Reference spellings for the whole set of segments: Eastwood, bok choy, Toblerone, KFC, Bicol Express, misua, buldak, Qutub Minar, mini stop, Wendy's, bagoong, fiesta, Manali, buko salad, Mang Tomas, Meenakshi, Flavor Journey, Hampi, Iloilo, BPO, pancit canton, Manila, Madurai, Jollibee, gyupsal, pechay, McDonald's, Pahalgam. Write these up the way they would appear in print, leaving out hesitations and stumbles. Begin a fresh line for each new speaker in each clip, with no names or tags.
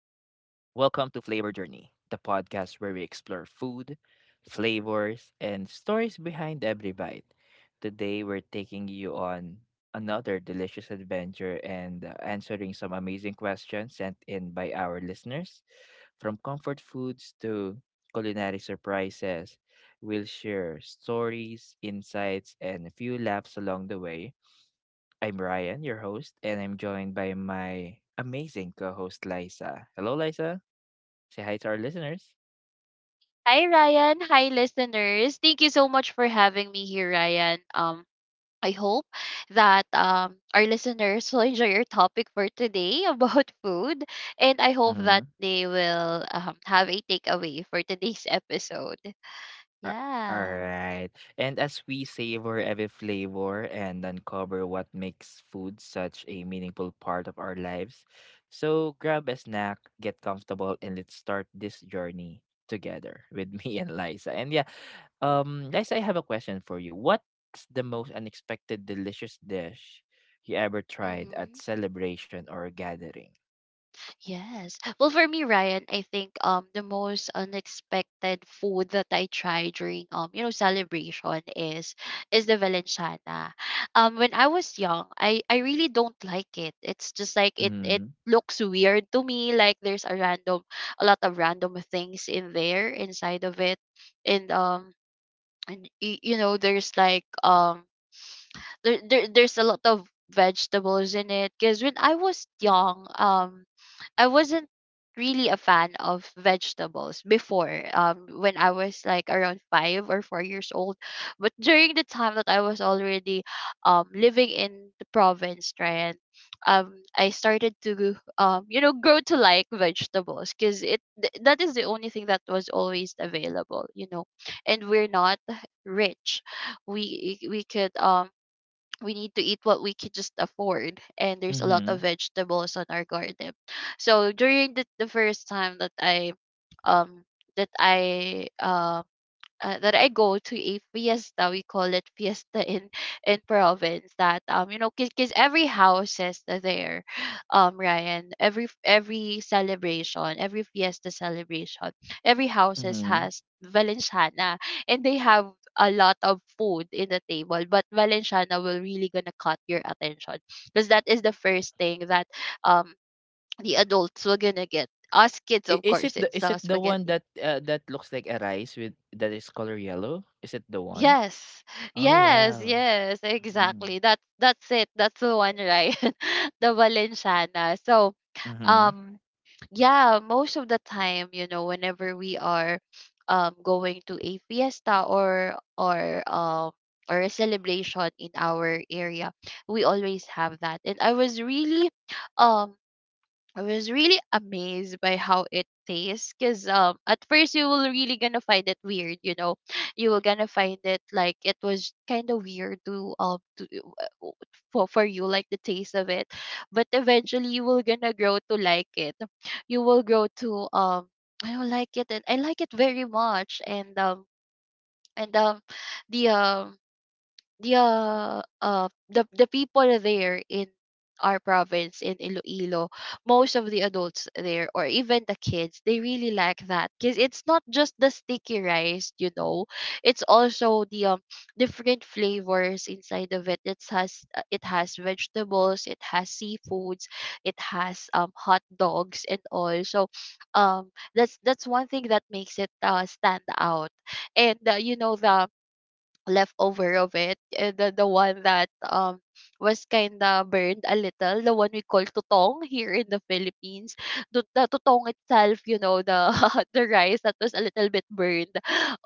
welcome to Flavor Journey, the podcast where we explore food, flavors, and stories behind every bite. Today we're taking you on another delicious adventure and answering some amazing questions sent in by our listeners. From comfort foods to culinary surprises, we'll share stories, insights, and a few laughs along the way. I'm Ryan, your host, and I'm joined by my amazing co host, Liza. Hello, Liza. Say hi to our listeners.
Hi Ryan, hi listeners. Thank you so much for having me here, Ryan. I hope that our listeners will enjoy your topic for today about food, and I hope
Mm-hmm.
that they will have a takeaway for today's episode.
A-
Yeah.
Alright. And as we savor every flavor and uncover what makes food such a meaningful part of our lives, so grab a snack, get comfortable, and let's start this journey together with me and Liza. And yeah, Liza, I have a question for you. What's the most unexpected delicious dish you ever tried at
Mm-hmm.
celebration or gathering?
Yes. Well, for me, Ryan, I think the most unexpected food that I tried during celebration is the valenciana. When I was young, I really don't like it. It's just like it
Mm-hmm.
it looks weird to me. Like there's a random a lot of random things in there inside of it, and um and you know there's like there's a lot of vegetables in it because when I was young I wasn't really a fan of vegetables before when I was like around 5 or 4 years old, but during the time that I was already living in the province, right? I started to you know grow to like vegetables because that is the only thing that was always available, you know, and we're not rich. We could we need to eat what we can just afford, and there's a lot of vegetables on our garden. So during the first time that I um that I that I go to a fiesta. We call it fiesta in in province. That you know because every house is there, Ryan. Every celebration, every fiesta celebration, every houses
Mm-hmm.
has valenciana, and they have a lot of food in the table. But valenciana will really gonna cut your attention because that is the first thing that um the adults were gonna get. Us kids,
I
of course, it's
is it the one
spaghetti.
that, that looks like a rice with that is color yellow? Is it the one?
Yes.
Oh,
Yes,
wow.
yes,
Mhm.
exactly. That that's it. That's the one, right? The Valenciana. So,
Mhm.
um yeah, most of the time, you know, whenever we are going to a fiesta or a celebration in our area, we always have that. And um I was really amazed by how it tastes because at first you will really gonna find it weird, you know. You will gonna find it like it was kind of weird to uh, for you like the taste of it, but eventually you will gonna grow to like it. You will grow to I don't like it and I like it very much, and the yeah, the people there in our province in Iloilo, most of the adults there or even the kids, they really like that because it's not just the sticky rice, you know, it's also the different flavors inside of it. It has vegetables, it has seafoods, it has hot dogs and all. So, that's one thing that makes it stand out. And you know the leftover of it, the one that was kind of burned a little, the one we call tutong here in the Philippines. The tutong itself, you know, the the rice that was a little bit burned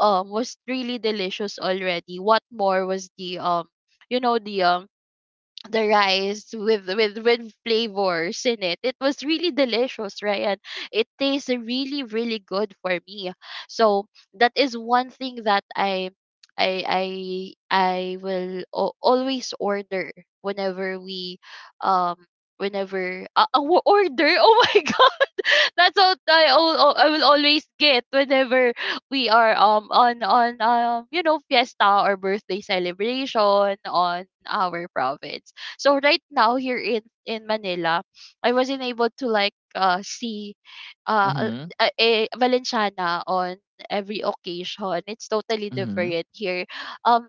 was really delicious already. What more was the you know the um the rice with flavors in it. It was really delicious, right? And it tastes really really good for me. So that is one thing that I I I will always order whenever we um whenever order. Oh my, that's what I will always get whenever we are on you know fiesta or birthday celebration on our province. So right now here in Manila, I wasn't able to like see uh
Mhm.
a Valenciana on every occasion. It's totally
Mhm.
different here. Um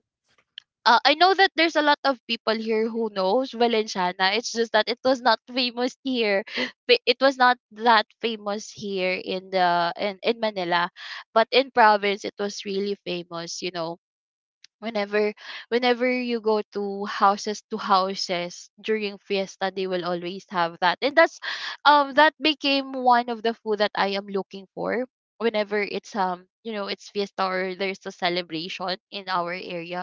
I know that there's a lot of people here who knows Valenciana. It's just that it was not famous here. It was not that famous here in in Manila, but in province it was really famous. You know, whenever whenever you go to houses during fiesta, they will always have that, and that's that became one of the food that I am looking for whenever it's you know it's fiesta or there's a celebration in our area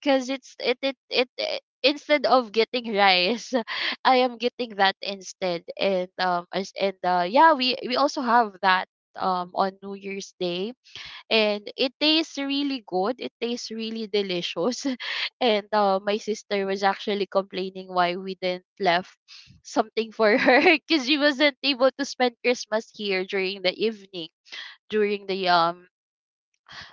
because it's it, it it it instead of getting rice I am getting that instead. And and yeah, we also have that on new year's day, and it tastes really good, it tastes really delicious. And my sister was actually complaining why we didn't left something for her because she wasn't able to spend christmas here during the evening, during the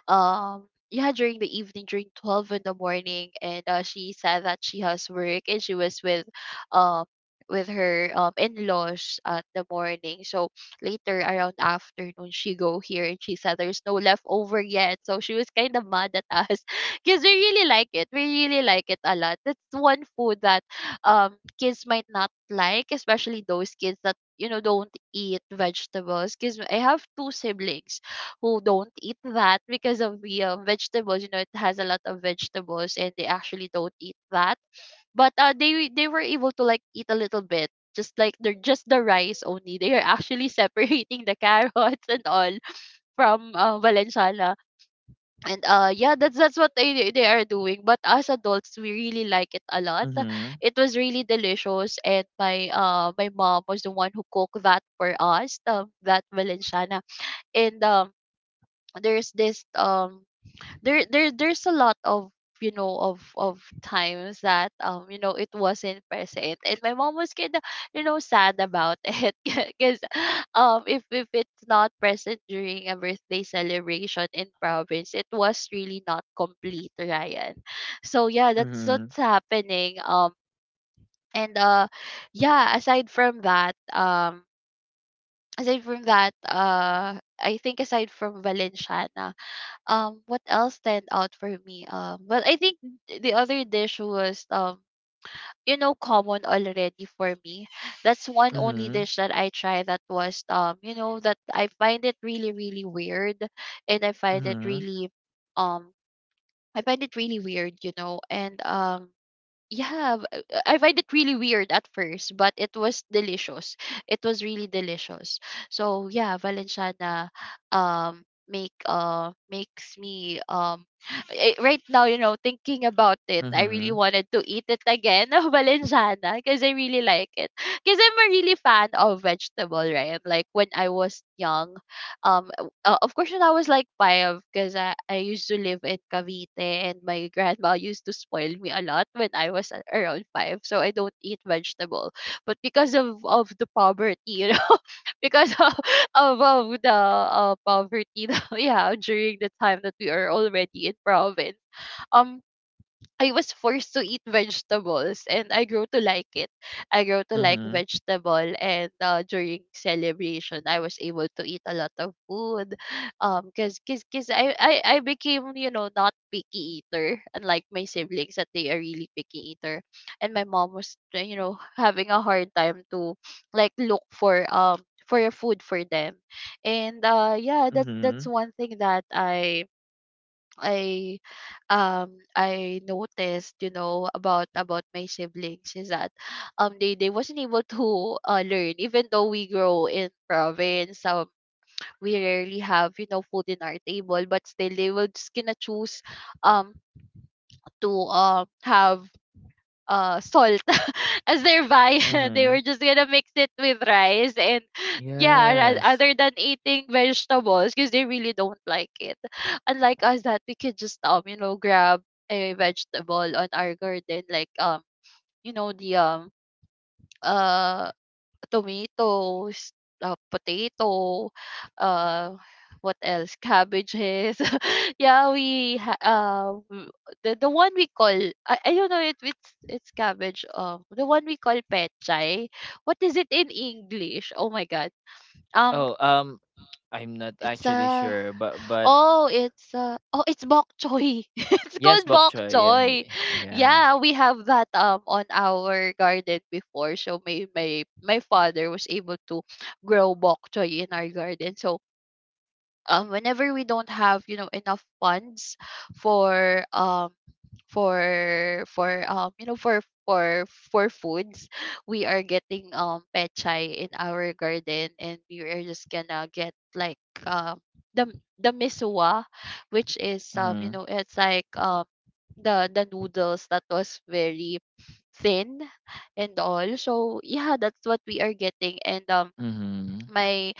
yeah, during the evening during 12 in the morning. And she said that she has work and she was um with her in-laws at the morning. So later around afternoon she go here and she said there's no leftover yet, so she was kind of mad at us because we really like it, we really like it a lot. That's one food that kids might not like, especially those kids that you know don't eat vegetables, because I have two siblings who don't eat that because of the vegetables. You know, it has a lot of vegetables, and they actually don't eat that. But they were able to like eat a little bit, just like they're just the rice only. They are actually separating the carrots and all from Valenciana. And yeah, that's what they are doing. But as adults, we really like it a lot.
Mhm.
It was really delicious, and my mom was the one who cooked that for us, that Valenciana. And there's this there's a lot of you know of times that you know it wasn't present and my mom was kind of you know sad about it because if it's not present during a birthday celebration in province it was really not complete, Ryan. So yeah, that's
Mhm.
what's happening. And yeah, aside from that, I think aside from valenciana, what else stand out for me? Well, I think the other dish was you know, common already for me. That's one only
Mhm.
dish that I try that was you know, that I find it really, really weird, and I find it
Mhm.
really, um, I find it really weird, you know, and yeah, b- I find it really weird at first, but it was delicious. It was really delicious. So yeah, Valenciana makes me eh, right now you know thinking about it, I really
Mhm.
wanted to eat it again. Valenciana, because I really like it, because I'm a really fan of vegetable, right? Like when I was young um of course, when I was like five, because I used to live in Cavite and my grandma used to spoil me a lot when I was around five. So I don't eat vegetable. But because of the poverty, you know, because of the poverty, yeah, during the time that we are already in province, um, I was forced to eat vegetables and I grew to like it. I grew to like
Mhm.
vegetable, and during celebration I was able to eat a lot of food. Cuz cuz, cuz I became, you know, not picky eater, unlike my siblings that they are really picky eater. And my mom was you know having a hard time to like look for a food for them. And yeah, that's
Mhm.
one thing that I I noticed, you know, about my siblings is that they wasn't able to learn even though we grow in province. We rarely have you know food in our table, but still they will just gonna choose um to have salt as their viand. They
Mhm.
were just gonna mix it with rice and yeah,
Yes.
other than eating vegetables, because they really don't like it. Unlike us, that we could just you know grab a vegetable on our garden, like you know the uh tomatoes, potato, uh, what else? Cabbages. Yeah, the one we call I don't know if it's cabbage. The one we call pechay. What is it in English? Oh my god. Um,
Oh, I'm not
it's
actually
a,
sure, but
oh, it's, oh, it's bok choy. It's called
yes, bok
bok
choy. Yeah,
choy.
yeah.
Yeah, we have that on our garden before. So my father was able to grow bok choy in our garden. So whenever we don't have enough funds for for for um you know for for for foods, we are getting pet in our garden, and we are just gonna get like the the misua, which is
Mhm.
it's like the noodles that was very thin and all. So yeah, that's what we are getting, and
Mhm.
my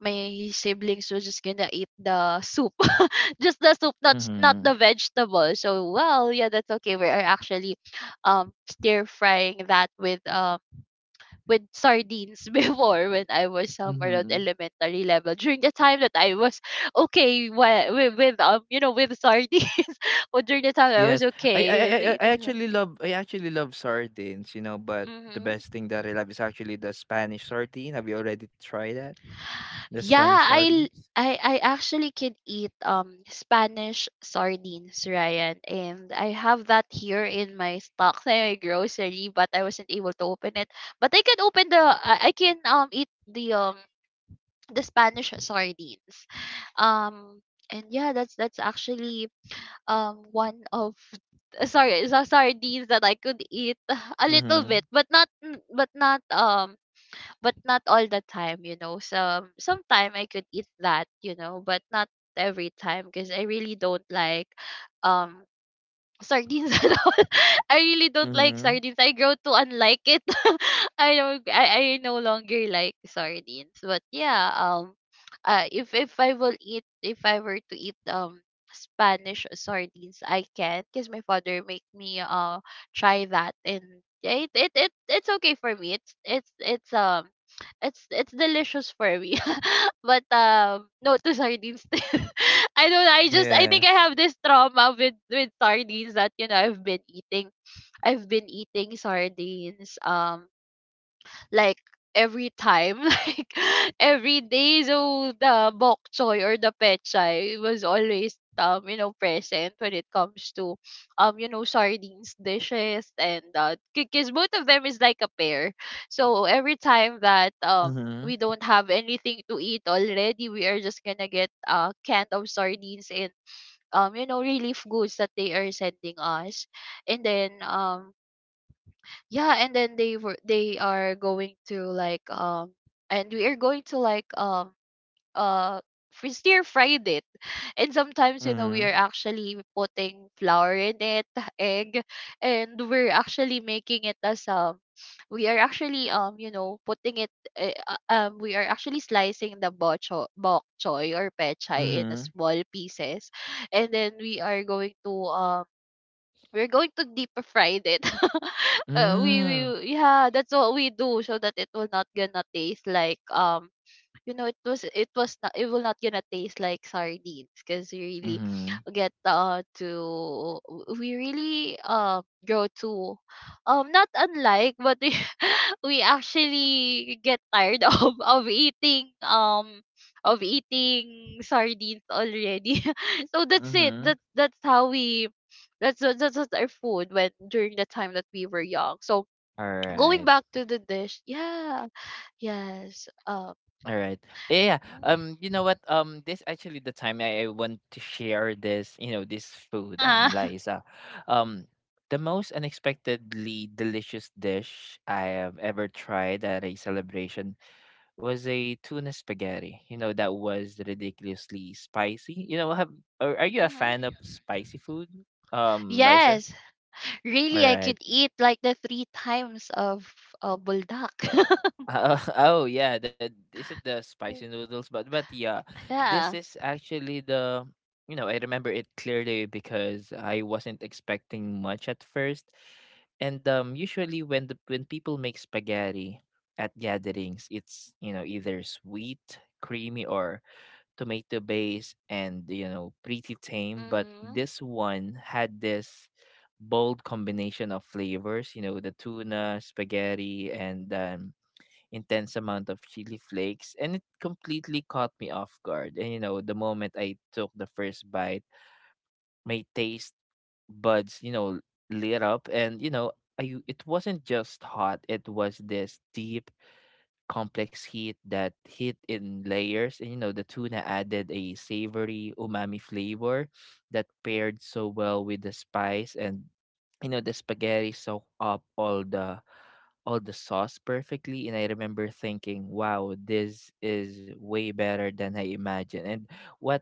my siblings were just gonna eat the soup just the soup, not not
Mhm.
the vegetable. So well, yeah, that's okay. We are actually stir frying that with sardines before, when I was somewhere at
Mhm.
elementary level, during the time that I was okay with you know with sardines or during the time I was
Yes. I I
okay
I
with
I I
eating
actually love, I actually love sardines, you know, but the best
mm
thing that I love is actually the Spanish sardine. Have you already tried that? The
Yeah,
Spanish
I l-
sardines?
I I actually could eat Spanish sardines, Ryan, and I have that here in my stock my grocery, but I wasn't able to open it. But I can open the I can eat the Spanish sardines. Um and Yeah, that's actually one of sorry, so sardines that I could eat a little
Mm-hmm.
bit, but not n- but not all the time, you know. Sometime I could eat that, you know, but not every time, because I really don't like um sardines at all. I really don't like
Mm-hmm.
sardines. I grow to unlike it. I don't. I no longer like sardines. But yeah, if I will eat, if I were to eat Spanish sardines, I can, because my father make me try that, and it's okay for me. It's It's delicious for me. But no to sardines. I don't know. I think I
Yes.
have this trauma with sardines, that you know I've been eating. I've been eating sardines like every time like every day. So the bok choy or the pechay was always present when it comes to sardines dishes. And because both of them is like a pair, so every time that
Mm-hmm.
we don't have anything to eat already, we are just gonna get a can of sardines, and relief goods that they are sending us. And then they are going to like and we are going to like uh stir fried it. And sometimes, you know, we
Mm-hmm.
are actually putting flour in it, egg, and we're actually making it as we are actually you know putting it we are actually slicing the bok choy or pechay in a
Mm-hmm.
small pieces, and then we are going to we're going to deep fry it.
Mm-hmm.
We Yeah, that's what we do, so that it will not gonna taste like it will not gonna taste like sardines, because we really
Mm-hmm.
get to we really grow to not unlike, but we we actually get tired of eating of eating sardines already. So that's it.
Mm-hmm.
That's how we that's what our food when during the time that we were young. So going
Right.
back to the dish. Yeah, yes.
All right. Yeah, yeah. You know what? This actually the time I want to share this, you know, this food,
Uh-huh.
Liza. Um, the most unexpectedly delicious dish I have ever tried at a celebration was a tuna spaghetti. You know, that was ridiculously spicy. You know, have, are you a fan
Mm-hmm.
of spicy food? Liza?
Yes.
All
Really, I
right.
could eat like the three times of buldak.
Uh, oh, oh yeah, that is it, the spicy noodles, but yeah, this
Yeah.
is actually the, you know, I remember it clearly because I wasn't expecting much at first. And um, usually when the when people make spaghetti at gatherings, it's, you know, either sweet, creamy or tomato based and, you know, pretty tame, but
Mm-hmm.
this one had this bold combination of flavors, you know, the tuna, spaghetti and intense amount of chili flakes, and it completely caught me off guard. And you know, the moment I took the first bite, my taste buds, you know, lit up, and you know, I, it wasn't just hot, it was this deep complex heat that hit in layers. And you know, the tuna added a savory umami flavor that paired so well with the spice. And you know, the spaghetti soaked up all the sauce perfectly, and I remember thinking, "Wow, this is way better than I imagined." And what,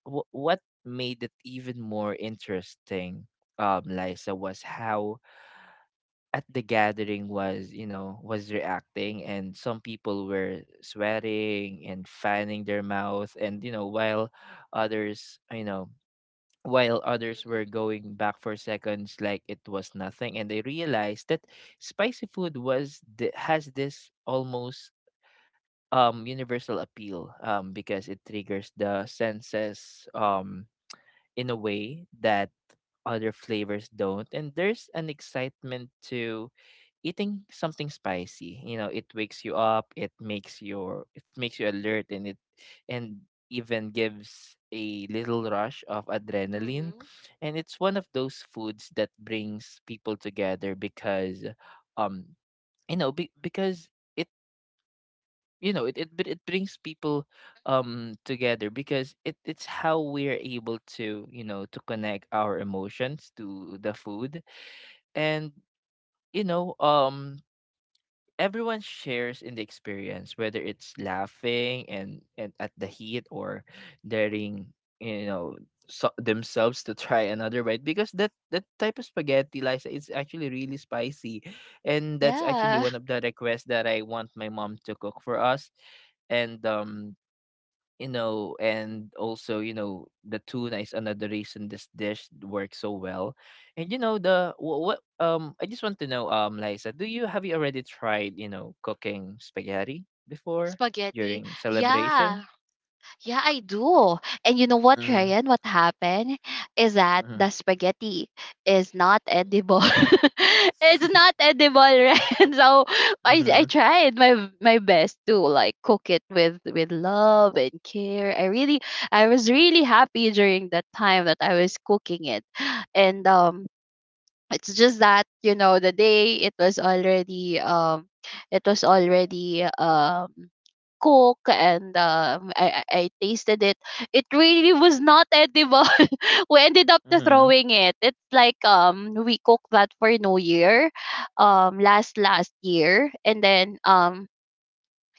what made it even more interesting, Liza, was how at the gathering was, you know, was reacting, and some people were sweating and fanning their mouth, and you know, while others, you know, while others were
Mm-hmm.
going back for seconds like it was nothing. And I realized that spicy food was the, has this almost universal appeal, um, because it triggers the senses in a way that other flavors don't. And there's an excitement to eating something spicy. You know, it wakes you up, it makes your, it makes you alert, and it and even gives a little rush of adrenaline.
Mm-hmm.
And it's one of those foods that brings people together because um, you know because it, you know it brings people together, because it, it's how we're able to, you know, to connect our emotions to the food. And you know, um, everyone shares in the experience, whether it's laughing and at the heat or daring, you know, so, themselves to try another bite, because that type of spaghetti, Liza, is actually really spicy, and that's actually
Yeah.
one of the requests that I want my mom to cook for us, and um, you know, and also, you know, the tuna is another reason this dish works so well. And you know, the, what um, I just want to know, Liza, do you have, you already tried, you know, cooking spaghetti before
Spaghetti.
during
Yeah.
celebration?
Yeah, I do. And you know what,
Mm-hmm.
Ryan? What happened is that
Mm-hmm.
the spaghetti is not edible. It's not edible, Ryan. So I
Mm-hmm.
tried my best to like cook it with love and care. I really I was really happy during that time that I was cooking it, and it's just that, you know, the day it was already cook, and um, I I tasted it. It really was not edible. We ended up to
Mm-hmm.
throwing it. It's like we cooked that for New Year, last last year, and then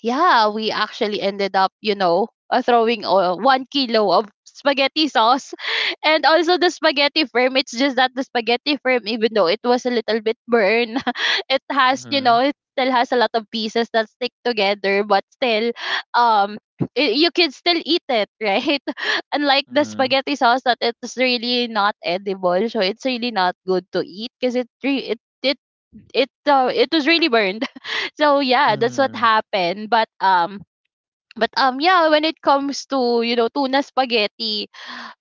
yeah, we actually ended up, you know, throwing 1 kilo of spaghetti sauce and also the spaghetti firm. It's just that the spaghetti firm, even though it was a little bit burned, it has, you
Mm-hmm.
know, it still has a lot of pieces that stick together, but still, um, I you can still eat it, right? Unlike the
Mm-hmm.
spaghetti sauce, that it's really not edible, so it's really not good to eat, because it it was really burned. So yeah, that's what
Mm-hmm.
happened. But Yeah, when it comes to, you know, tuna spaghetti,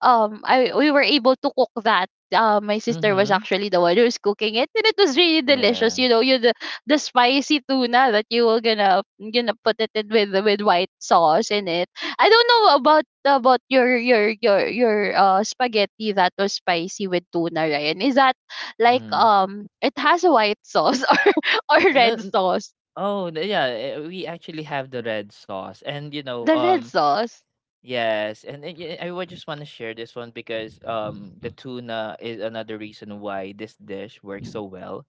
I we were able to cook that. My sister was
Mm-hmm.
actually the one who was cooking it, and it was really delicious.
Yeah.
You know, you The spicy tuna that you were gonna put it in with white sauce in it. I don't know about your spaghetti that was spicy with tuna, Ryan. Is that like
Mm-hmm.
it has a white sauce or red sauce.
Oh, yeah, eh, we actually have the red sauce. And you know,
The red
um,
sauce.
yes, and yeah, I would just want to share this one because the tuna is another reason why this dish works so well.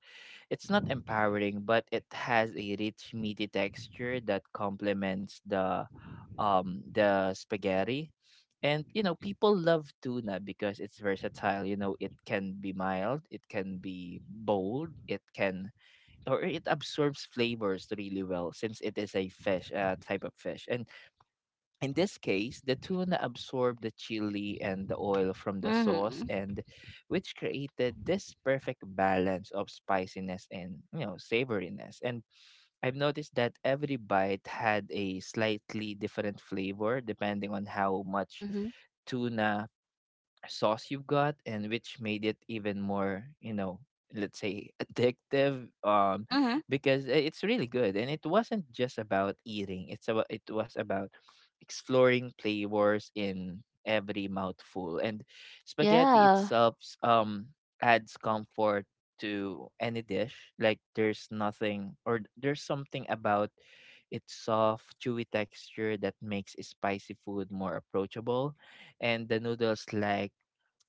It's not empowering, but it has a rich meaty texture that complements the spaghetti. And you know, people love tuna because it's versatile. You know, it can be mild, it can be bold, it can, or it absorbs flavors really well since it is a fish, type of fish. And in this case, the tuna absorbed the chili and the oil from the sauce,
Mm-hmm.
and which created this perfect balance of spiciness and, you know, savoriness. And I've noticed that every bite had a slightly different flavor depending on how much
Mm-hmm.
tuna sauce you've got, and which made it even more, you know, let's say, addictive, um,
Mm-hmm.
because it's really good, and it wasn't just about eating, it's about, it was about exploring flavors in every mouthful. And spaghetti
Yeah.
itself, um, adds comfort to any dish. Like there's nothing, or there's something about its soft chewy texture that makes spicy food more approachable, and the noodles like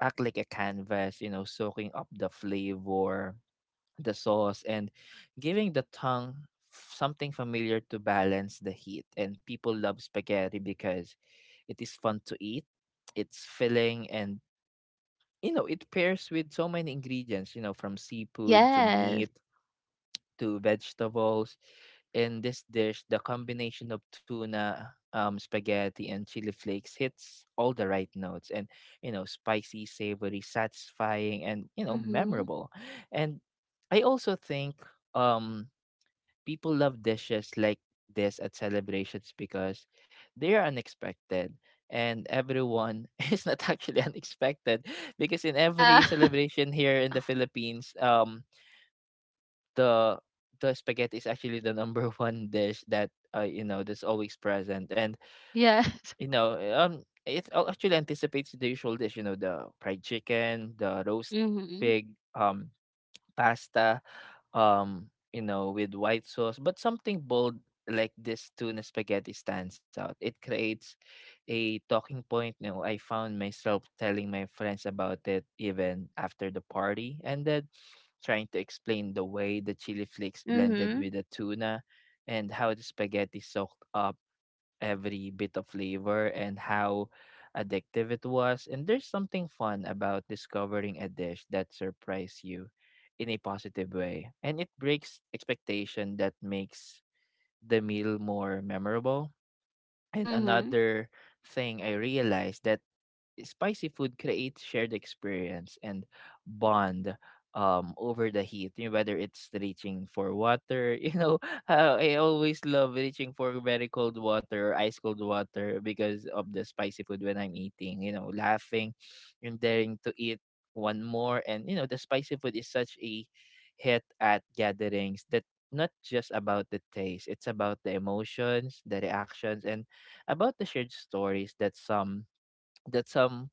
act like a canvas, you know, soaking up the flavor, the sauce, and giving the tongue, something familiar to balance the heat. And people love spaghetti because it is fun to eat, it's filling, and you know, it pairs with so many ingredients, you know, from seafood to
Yes.
meat to vegetables. In this dish, the combination of tuna, spaghetti, and chili flakes hits all the right notes, and, you know, spicy, savory, satisfying, and, you know,
Mm-hmm.
memorable. And I also think um, people love dishes like this at celebrations because they are unexpected and everyone is not actually unexpected, because in
Yeah.
every celebration here in the Philippines, the spaghetti is actually the number one dish that, you know, that's always present. And
Yes.
you know, eh, um, it, actually anticipates the usual dish, you know, the fried chicken, the roast
Mm-hmm.
pig, um, pasta, you know, with white sauce, but something bold like this tuna spaghetti stands out. It creates a talking point. You know, I found myself telling my friends about it even after the party ended, trying to explain the way the chili flakes blended
Mm-hmm.
with the tuna and how the spaghetti soaked up every bit of flavor and how addictive it was. And there's something fun about discovering a dish that surprised you in a positive way. And it breaks expectation that makes the meal more memorable. And
Mm-hmm.
another thing I realized that spicy food creates shared experience and bond over the heat, you know, whether it's reaching for water, you know, I always love reaching for very cold water or ice cold water because of the spicy food when I'm eating, you know, laughing and daring to eat one more. And you know, the spicy food is such a hit at gatherings that not just about the taste, it's about the emotions, the reactions, and about the shared stories that some,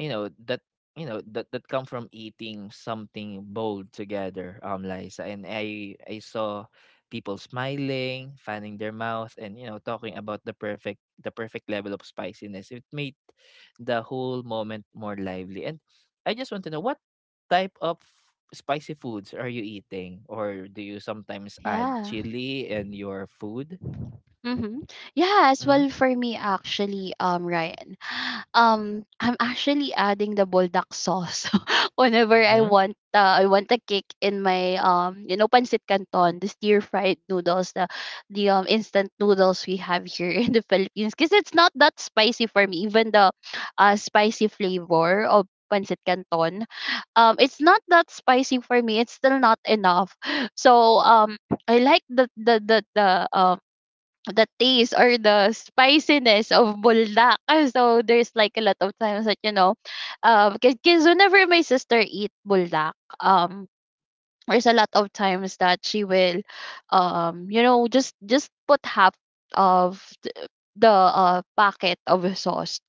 you know, that you know that that come from eating something bold together, um, Liza. And I saw people smiling, fanning their mouth, and you know, talking about the perfect, the perfect level of spiciness. It made the whole moment more lively, and I just want to know what type of spicy foods are you eating, or do you sometimes add
Yeah.
chili in your food?
Mm-hmm. Yeah, as
Mm-hmm.
well for me actually, Ryan. I'm actually adding the buldak sauce whenever I
Mm-hmm.
want a kick in my pancit canton, the stir fried noodles, the instant noodles we have here in the Philippines, because it's not that spicy for me, even the spicy flavor of pancit canton. It's not that spicy for me, it's still not enough. So I like the taste or the spiciness of buldak. And So there's like a lot of times that, you know, because whenever my sister eat buldak, um, there's a lot of times that she will, you know, just put half of th- the packet of sauce,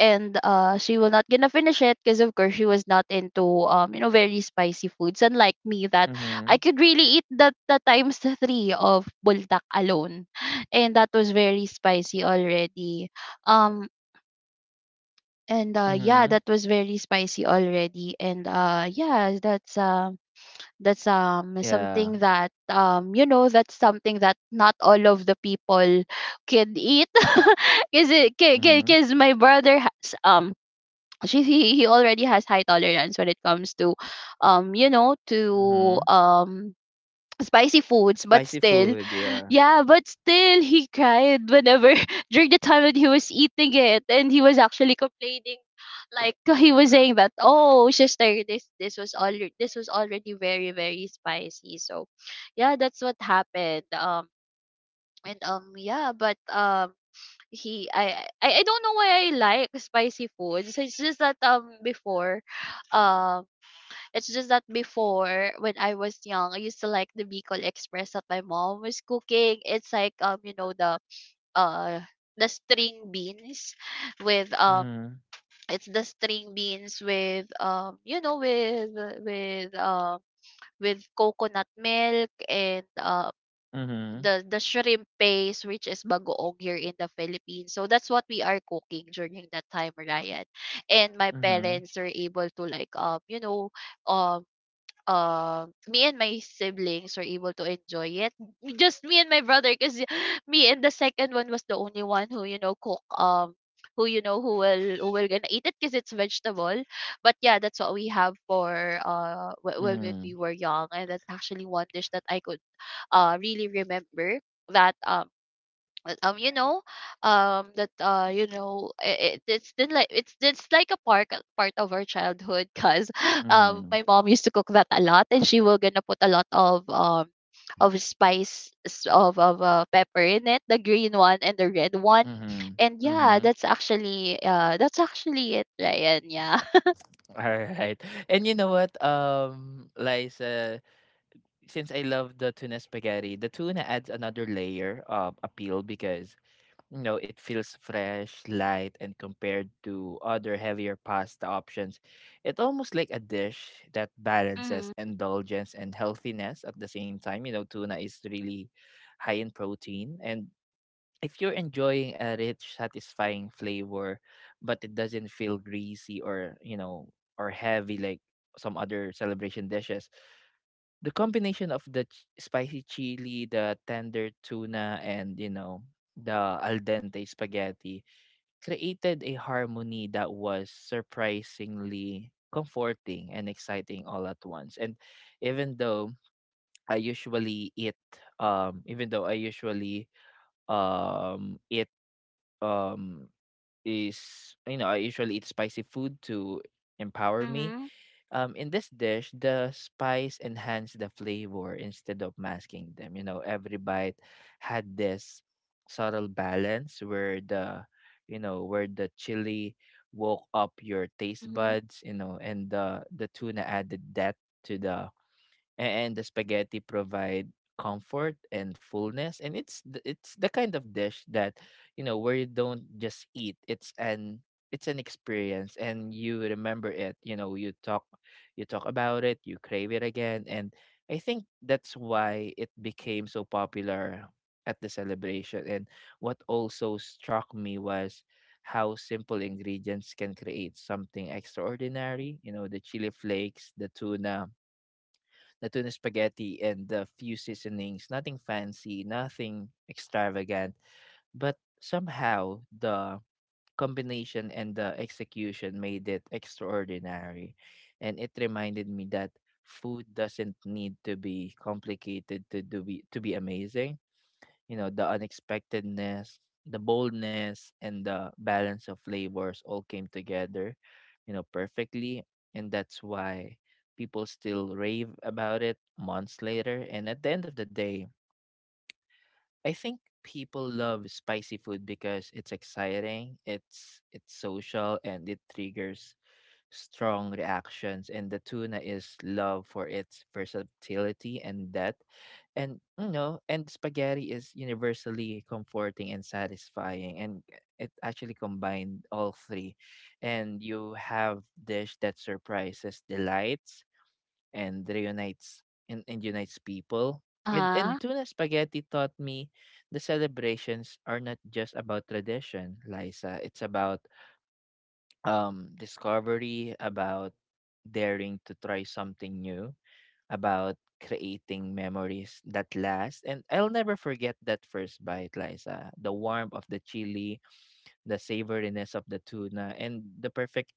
and she will not gonna finish it, because of course she was not into, you know, very spicy foods, unlike me, that
Mm-hmm.
I could really eat the times three of buldak alone, and that was very spicy already. Um and Yeah,
Mm-hmm.
that was very spicy already. And Yeah, that's
Yeah.
something that, you know, that's something that not all of the people can eat because
Mm-hmm.
my brother has she he already has high tolerance when it comes to um you know to um spicy foods, but
Spicy
still
food, yeah.
yeah, but still he cried whenever during the time that he was eating it, and he was actually complaining like he was saying that, oh sister, this was all this was already very very spicy. So yeah, that's what happened. And Yeah, but he I I don't know why I like spicy foods. It's just that before um it's just that before, when I was young, I used to like the Bicol Express that my mom was cooking. It's like, you know, uh the string beans with
Mhm,
it's the string beans with with um with coconut milk, and
mhm,
the shrimp paste, which is bagoong here in the Philippines. So that's what we are cooking during that time, Ryan. And my
mhm,
parents are able to like um me and my siblings were able to enjoy it. M- just me and my brother, because me and the second one was the only one who, you know, cook who you know who will gonna eat it because it's vegetable. But yeah, that's what we have for when
mhm,
we were young, and that's actually one dish that I could really remember that you know that you know it's been like it's like a part of our childhood, because
mhm,
my mom used to cook that a lot, and she will gonna put a lot of spice of pepper in it, the green one and the red one,
mhm,
and yeah,
mhm.
that's actually it, Ryan. Yeah.
Alright. And you know what, Liza, since I love the tuna spaghetti, the tuna adds another layer of appeal because, you know, it feels fresh, light, and compared to other heavier pasta options, it's almost like a dish that balances
Mhm.
indulgence and healthiness at the same time. You know, tuna is really high in protein, and if you're enjoying a rich, satisfying flavor, but it doesn't feel greasy or you know or heavy like some other celebration dishes, the combination of the, spicy chili, the tender tuna, and you know the al dente spaghetti created a harmony that was surprisingly comforting and exciting all at once. And even though I usually eat, even though I usually eat um is you know, I usually eat spicy food to empower me.
Mhm.
In this dish, the spice enhanced the flavor instead of masking them. You know, every bite had this subtle balance where the, you know, where the chili woke up your taste
Mhm.
buds. You know, and the tuna added depth to the and the spaghetti provide comfort and fullness, and it's the kind of dish that where you don't just eat, it's an experience, and you remember it. You know you talk, you talk about it, you crave it again. And I think that's why it became so popular at the celebration. And what also struck me was how simple ingredients can create something extraordinary. You know, the chili flakes, the tuna, the tuna spaghetti, and the few seasonings. Nothing fancy, nothing extravagant, but somehow the combination and the execution made it extraordinary. And it reminded me that food doesn't need to be complicated to to be amazing. You know, the unexpectedness, the boldness, and the balance of flavors all came together, you know, perfectly. And that's why people still rave about it months later. And at the end of the day, I think people love spicy food because it's exciting, it's social, and it triggers strong reactions. And the tuna is loved for its versatility and depth. And and spaghetti is universally comforting and satisfying, and it actually combined all three, and you have dish that surprises, delights, and reunites, and unites people. And
Uh-huh.
tuna spaghetti taught me the celebrations are not just about tradition, Liza. It's about discovery, about daring to try something new, about creating memories that last. And I'll never forget that first bite, Liza. The warmth of the chili, the savoriness of the tuna, and the perfect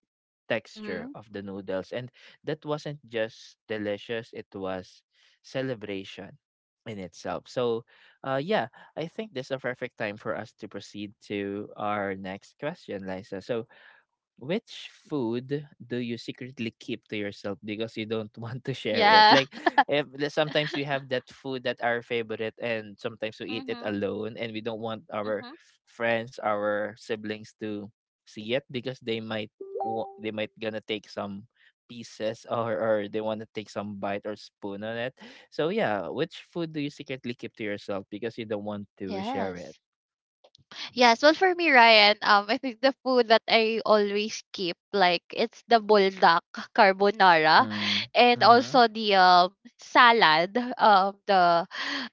texture
Mhm.
of the noodles. And that wasn't just delicious, it was celebration in itself. So, yeah, I think this is a perfect time for us to proceed to our next question, Liza. So, which food do you secretly keep to yourself because you don't want to share it?
Yeah.
Like, if the- sometimes we have that food that our favorite, and sometimes we eat it
Mhm.
alone, and we don't want our
Mhm.
friends, our siblings to see it because they might they might gonna take some pieces, or they want to take some bite or spoon on it. So yeah, which food do you secretly keep to yourself because you don't want to share it?
Yes. Yes, well for me, Ryan, I think the food that I always keep, like it's the buldak carbonara,
Mm.
and
Mm-hmm.
also the salad, the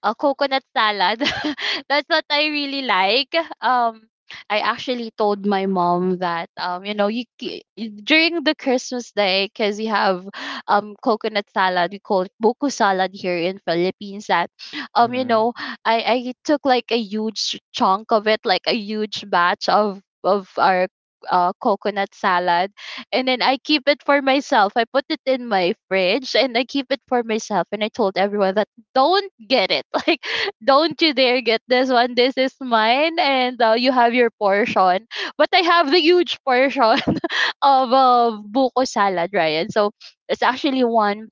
coconut salad. That's what I really like. Um, I actually told my mom that during the Christmas day because you have coconut salad. We call it buko salad here in Philippines. um you
Mm-hmm.
know I took like a huge chunk of it, like a huge batch of our coconut salad, and then I keep it for myself. I put it in my fridge and I keep it for myself, and I told everyone that don't get it like don't you dare get this one, this is mine, and you have your portion but I have the huge portion of buko salad, Ryan. So it's actually one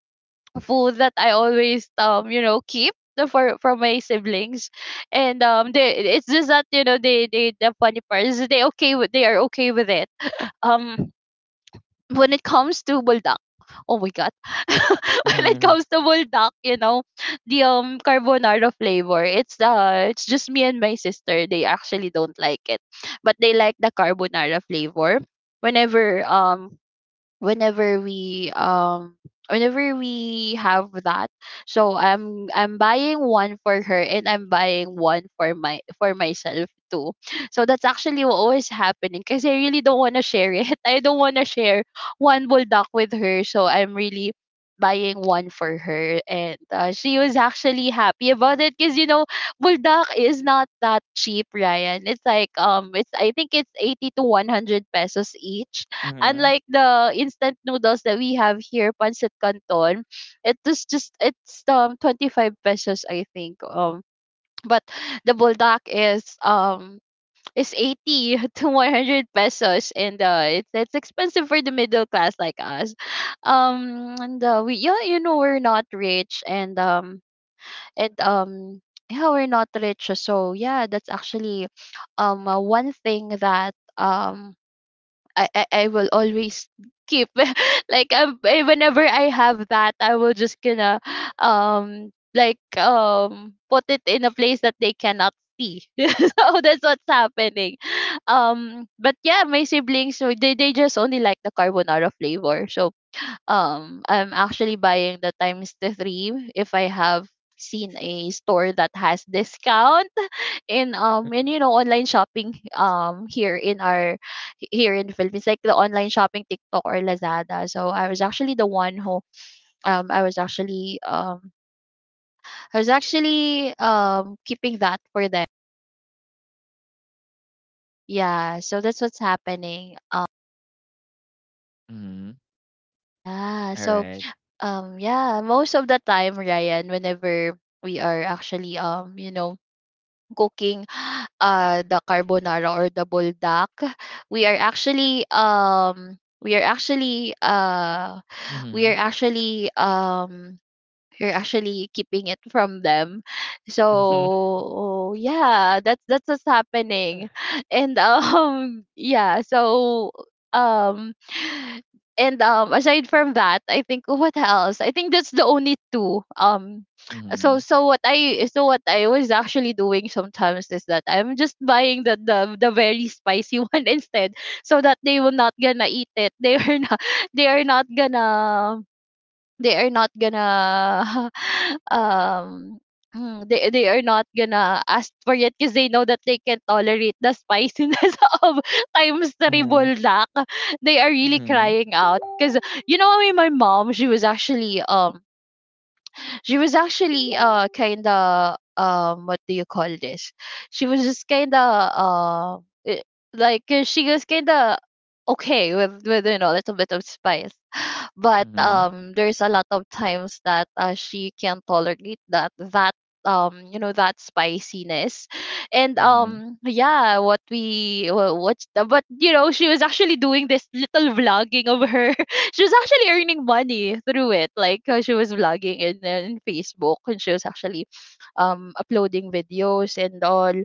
food that I always for my siblings, and they, it's just that the funny part is they are okay with it. Um, when it comes to buldak, oh my god, when it
Mm-hmm.
comes to buldak, you know the carbonara flavor. It's just me and my sister. They actually don't like it, but they like the carbonara flavor. Whenever um whenever we um whenever we have that, so I'm buying one for her and I'm buying one for my for myself too. So that's actually what was happening because I really don't want to share it. I don't want to share one bulldog with her, so I'm really buying one for her, and she was actually happy about it because you know bulldog is not that cheap, Ryan. It's like it's I think it's 80 to 100 pesos each,
Mm-hmm.
unlike the instant noodles that we have here, pancit canton. It was just it's 25 pesos I think. But the buldak is 80 to 100 pesos, and it's expensive for the middle class like us. And we, yeah, you know, we're not rich, and yeah, we're not rich. So yeah, that's actually one thing that I will always keep, like whenever I have that I will just gonna put it in a place that they cannot see. So that's what's happening. But yeah, my siblings, so they just only like the carbonara flavor. So I'm actually buying the times the three if I have seen a store that has discount in and you know online shopping here in the Philippines, like the online shopping TikTok or Lazada. So I was actually the one who um I was actually um I was actually keeping that for them. Yeah, so that's what's happening.
Mhm.
Yeah so
Alright.
yeah, most of the time, Ryan, whenever we are actually you know cooking the carbonara or the buldak, we are actually we are actually we are
Mhm.
actually you're actually keeping it from them.
Mhm.
So yeah, that's what's happening. And yeah, so um and aside from that, I think, oh, what else? I think that's the only two.
Mhm.
So what I was actually doing sometimes is that I'm just buying the very spicy one instead, so that they will not gonna eat it. They are not gonna they are not gonna um, they are not gonna ask for it because they know that they can tolerate the spiciness of times three
Mhm.
buldak. They are really
Mhm.
crying out because you know, I mean, my mom, she was actually kind of what do you call this? She was just kind of eh, she was kind of okay with you know a little bit of spice, but
Mhm.
there's a lot of times that she can't tolerate that that you know that spiciness. And
Mhm.
Yeah, what we wha- what's the, but you know she was actually doing this little vlogging of her. She was actually earning money through it, like she was vlogging in Facebook, and she was actually uploading videos and all.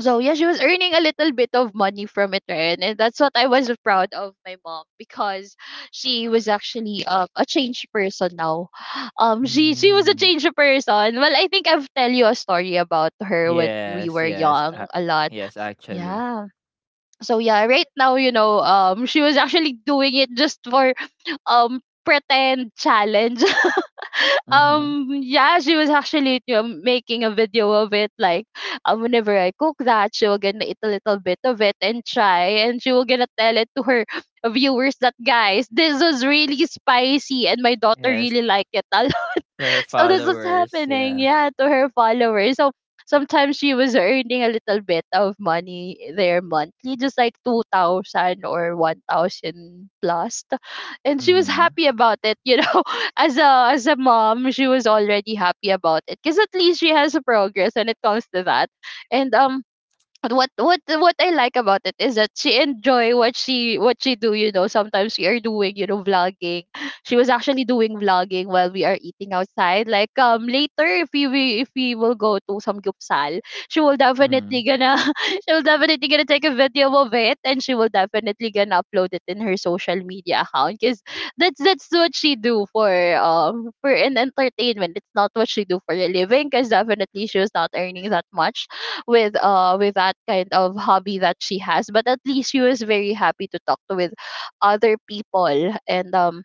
So yeah, she was earning a little bit of money from it, right? And that's what I was proud of my mom because she was actually a changed person now. She was a
Mm.
changed person. Well, I think I've tell you a story about her when we
Yes,
were
yes.
young a lot.
Yes, actually.
Yeah. So yeah, right now you know she was actually doing it just for pretend challenge.
Mhm.
Yeah, she was actually you know making a video of it, like whenever I cook that, she will gonna eat a little bit of it and try, and she will gonna tell it to her viewers that guys, this was really spicy and my daughter
Yes,
really liked it. I
their
so that's what's
followers,
happening,
yeah.
yeah, to her followers. So sometimes she was earning a little bit of money there monthly, just like 2,000 or 1,000 plus. And she was
Mhm.
happy about it, you know. As a mom, she was already happy about it because at least she has a progress when it comes to that. And what I like about it is that she enjoy what she do. You know, sometimes we are doing you know vlogging. She was actually doing vlogging while we are eating outside. Like later, if we will go to some gyupsal, she will definitely
Mhm.
gonna she will definitely gonna take a video of it, and she will definitely gonna upload it in her social media account, because that's what she do for an entertainment. It's not what she do for a living because definitely she was not earning that much with that kind of hobby that she has, but at least she was very happy to talk to with other people. And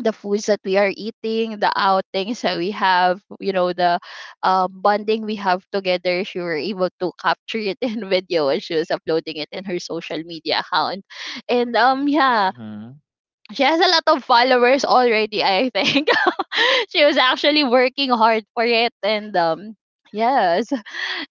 The foods that we are eating, the outings that we have, you know, the bonding we have together, she were able to capture it in video, and she was uploading it in her social media account. And Yeah,
Mhm.
she has a lot of followers already, I think. She was actually working hard for it, and yes,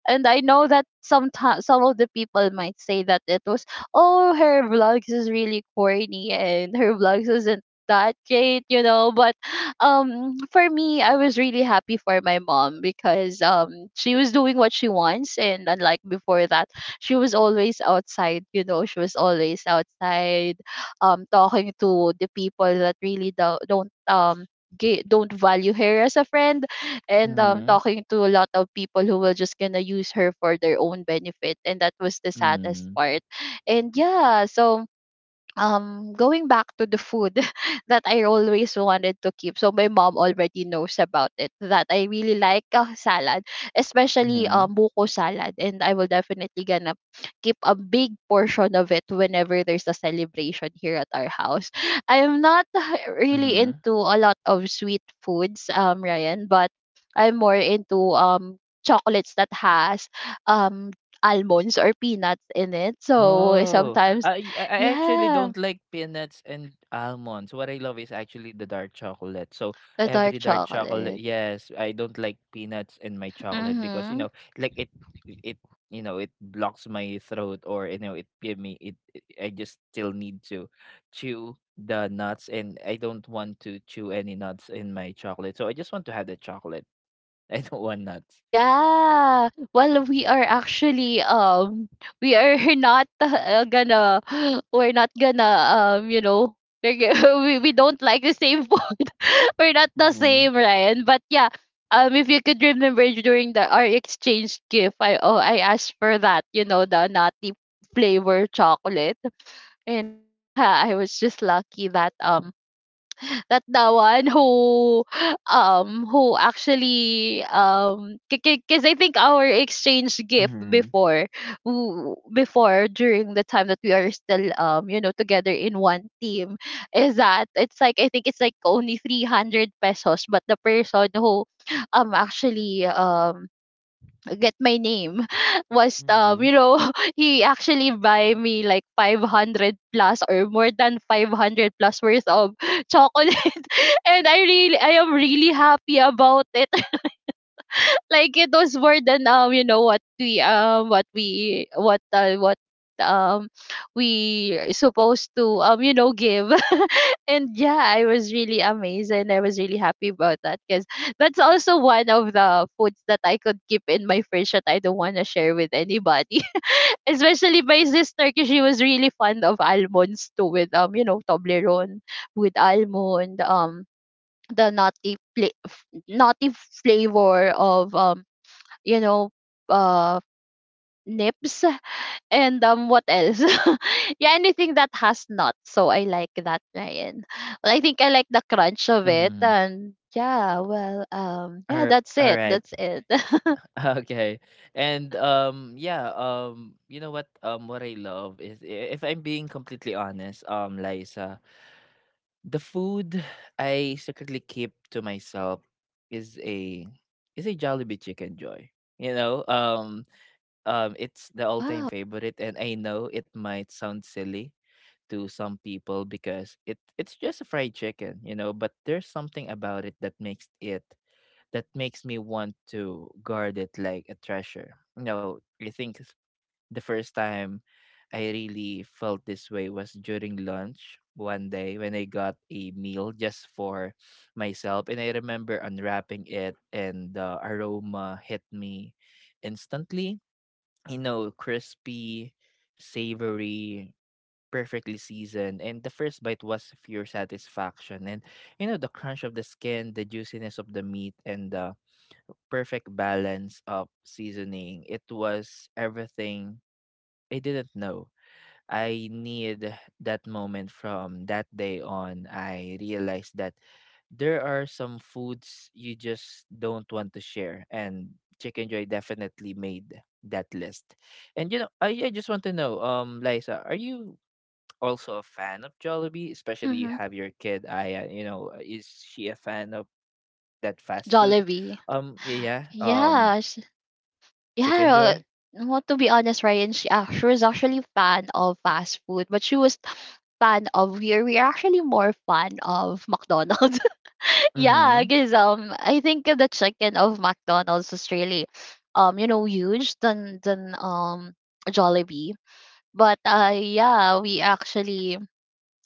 and I know that sometimes some of the people might say that it was, oh, her vlogs is really corny and her vlogs isn't that great, you know. But for me, I was really happy for my mom because she was doing what she wants, and unlike before that, she was always outside, you know, she was always outside talking to the people that really don't don't value her as a friend, and
Mhm.
talking to a lot of people who were just gonna use her for their own benefit, and that was the saddest
Mhm.
part. And yeah, so going back to the food that I always wanted to keep. So my mom already knows about it, that I really like salad, especially
Mhm.
buko salad, and I will definitely gonna keep a big portion of it whenever there's a celebration here at our house. I am not really
Mhm.
into a lot of sweet foods, Ryan, but I'm more into chocolates that has um almonds or peanuts in it. So
Oh,
sometimes,
I actually
yeah,
don't like peanuts and almonds. What I love is actually the dark chocolate. So
the dark
every dark chocolate,
chocolate.
yes, I don't like peanuts in my chocolate because you
Mhm.
know, like it, it, it, you know, it blocks my throat, or you know, it give me. I just still need to chew the nuts, and I don't want to chew any nuts in my chocolate. So I just want to have the chocolate. I don't want nuts.
Yeah. Well, we are actually we are not gonna we're not gonna you know we're g- we don't like the same food. We're not the
Mm-hmm.
same, Ryan. But yeah, if you could remember during the our exchange gift, I, oh, I asked for that, you know, the nutty flavor chocolate. And yeah, I was just lucky that the one who actually because I think our exchange gift
Mm-hmm.
before, during the time that we are still you know together in one team, is that it's like, I think it's like only 300 pesos, but the person who actually get my name was
Mm-hmm.
you know he actually buy me like 500 plus or more than 500 plus worth of chocolate. And I am really happy about it. Like it was more than you know what we what we what um we supposed to you know give. And yeah, I was really amazed and I was really happy about that because that's also one of the foods that I could keep in my fridge that I don't want to share with anybody, especially my sister, because she was really fond of almonds too, with you know Toblerone with almond, the nutty pla- f- nutty flavor of you know, uh, nips. And what else? Yeah, anything that has nuts. So I like that, Ryan. Well, I think I like the crunch of it,
Mm-hmm.
and yeah, yeah, that's
All
it.
right.
That's it.
Okay. And yeah, you know what, what I love is if I'm being completely honest, Liza, the food I secretly keep to myself is a Jollibee chicken joy. You know, it's the all-time
Wow.
favorite, and I know it might sound silly to some people because it's just a fried chicken, you know, but there's something about it that makes me want to guard it like a treasure. You know, I think s- the first time I really felt this way was during lunch one day when I got a meal just for myself. And I remember unwrapping it, and the aroma hit me instantly. You know, crispy, savory, perfectly seasoned. And the first bite was pure satisfaction. And, you know, the crunch of the skin, the juiciness of the meat, and the perfect balance of seasoning. It was everything I didn't know I need. That moment from that day on, I realized that there are some foods you just don't want to share, and Chicken Joy definitely made that list. And you know, I just want to know, Liza, are you also a fan of Jollibee? Especially you
Mm-hmm.
have your kid. You know, is she a fan of that fast food?
Jollibee.
Yeah.
Yeah, sh-
Chicken
yeah. uh,
Joy?
Well, to be honest, Ryan, she was actually fan of fast food, but she was fan of we are actually more fan of McDonald's. Yeah,
Mhm,
because I think the chicken of McDonald's is really, huge than Jollibee. But yeah, we actually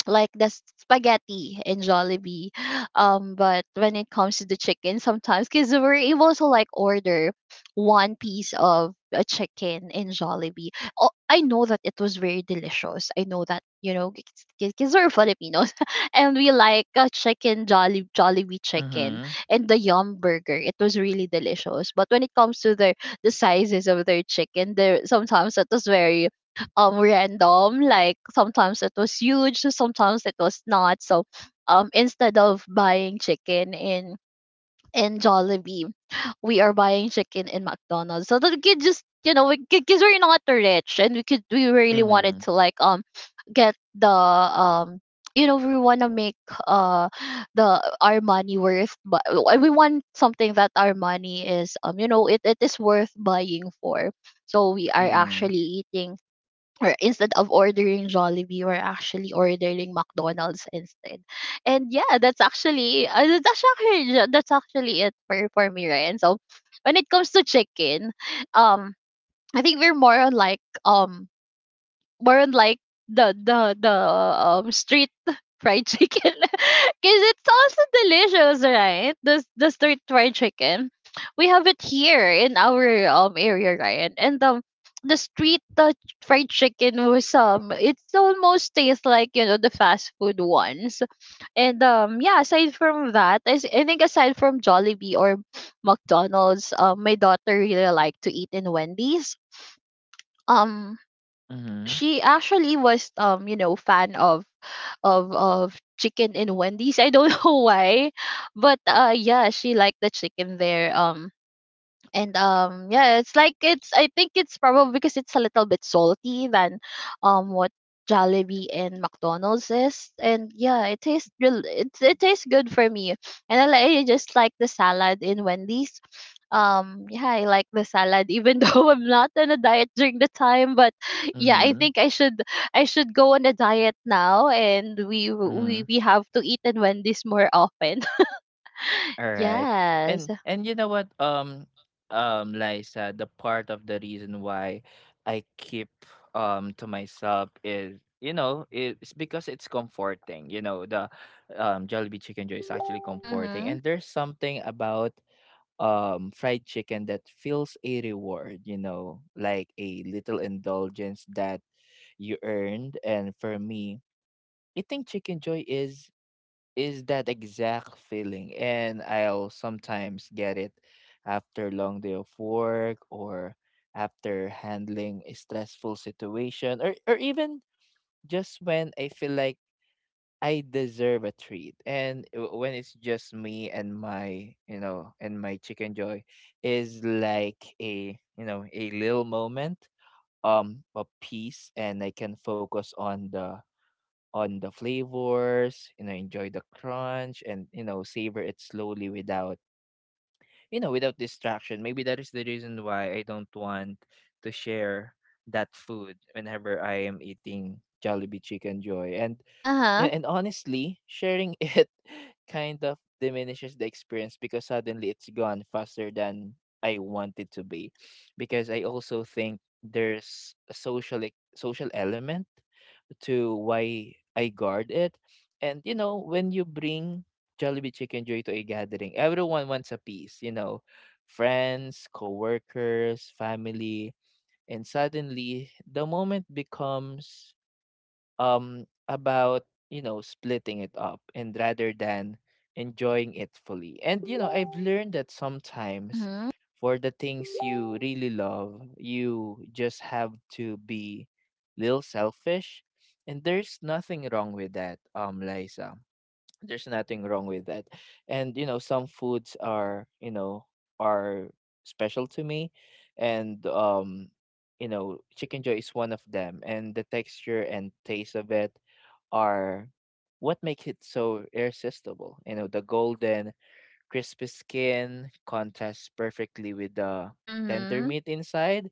like the spaghetti in Jollibee. But when it comes to the chicken, sometimes because we're able to like order one piece of a chicken in Jollibee. Oh, I know that it was very delicious. I know that you know because we're Filipinos and we like a chicken Jolly Jollibee chicken
mhm,
and the Yum Burger. It was really delicious. But when it comes to the sizes of their chicken, there sometimes it was very random, like sometimes it was huge, sometimes it was not so um. Instead of buying chicken in Jollibee, we are buying chicken in McDonald's so that we could just you know we, because we're not rich and we could, we really wanted
mhm,
to like get the you know, we want to make uh the our money worth, but we want something that our money is you know it is worth buying for. So we are
mhm,
actually eating or instead of ordering Jollibee, we're actually ordering McDonald's instead. And yeah, that's actually that's actually it for me, right? And so when it comes to chicken, um, I think we're more on like more on like the street fried chicken because it's also delicious, right, the the street fried chicken we have it here in our area, right. And the street fried chicken was um, it's almost tastes like you know the fast food ones. And yeah, aside from that I think aside from Jollibee or McDonald's, my daughter really liked to eat in Wendy's. Um,
mhm,
she actually was you know fan of of chicken in Wendy's. I don't know why, but yeah, she liked the chicken there. And yeah it's like it's, I think it's probably because it's a little bit salty than what Jollibee and McDonald's is, and yeah it tastes real it tastes good for me. And I just like the salad in Wendy's. Um yeah, I like the salad even though I'm not on a diet during the time. But yeah, I
mhm,
think I should, I should go on a diet now, and
mhm,
we have to eat in Wendy's more often.
alright.
Yes.
And you know what, Liza, the part of the reason why I keep, to myself is, you know, it's because it's comforting, you know, the, Jollibee Chicken Joy is actually comforting,
Mhm.
and there's something about, fried chicken that feels a reward, you know, like a little indulgence that you earned. And for me, eating chicken joy is that exact feeling. And I'll sometimes get it after long day of work, or after handling a stressful situation, or even just when I feel like I deserve a treat. And when it's just me and my, you know, and my chicken joy is like a, you know, a little moment of peace, and I can focus on the flavors, you know, enjoy the crunch, and, you know, savor it slowly without, you know, without distraction. Maybe that is the reason why I don't want to share that food whenever I am eating Jollibee Chicken Joy. And
Uh-huh.
yeah, and honestly, sharing it kind of diminishes the experience because suddenly it's gone faster than I want it to be. Because I also think there's a social element to why I guard it. And you know, when you bring Jollibee Chicken Joy to a gathering, everyone wants a piece, you know, friends, coworkers, family, and suddenly the moment becomes about splitting it up and rather than enjoying it fully. And you know, I've learned that sometimes
Mhm.
for the things you really love, you just have to be little selfish, and there's nothing wrong with that, liza, there's nothing wrong with that. And you know, some foods are, you know, are special to me. And you know, chicken joy is one of them, and the texture and taste of it are what make it so irresistible. You know, the golden crispy skin contrasts perfectly with the tender
Mhm.
meat inside.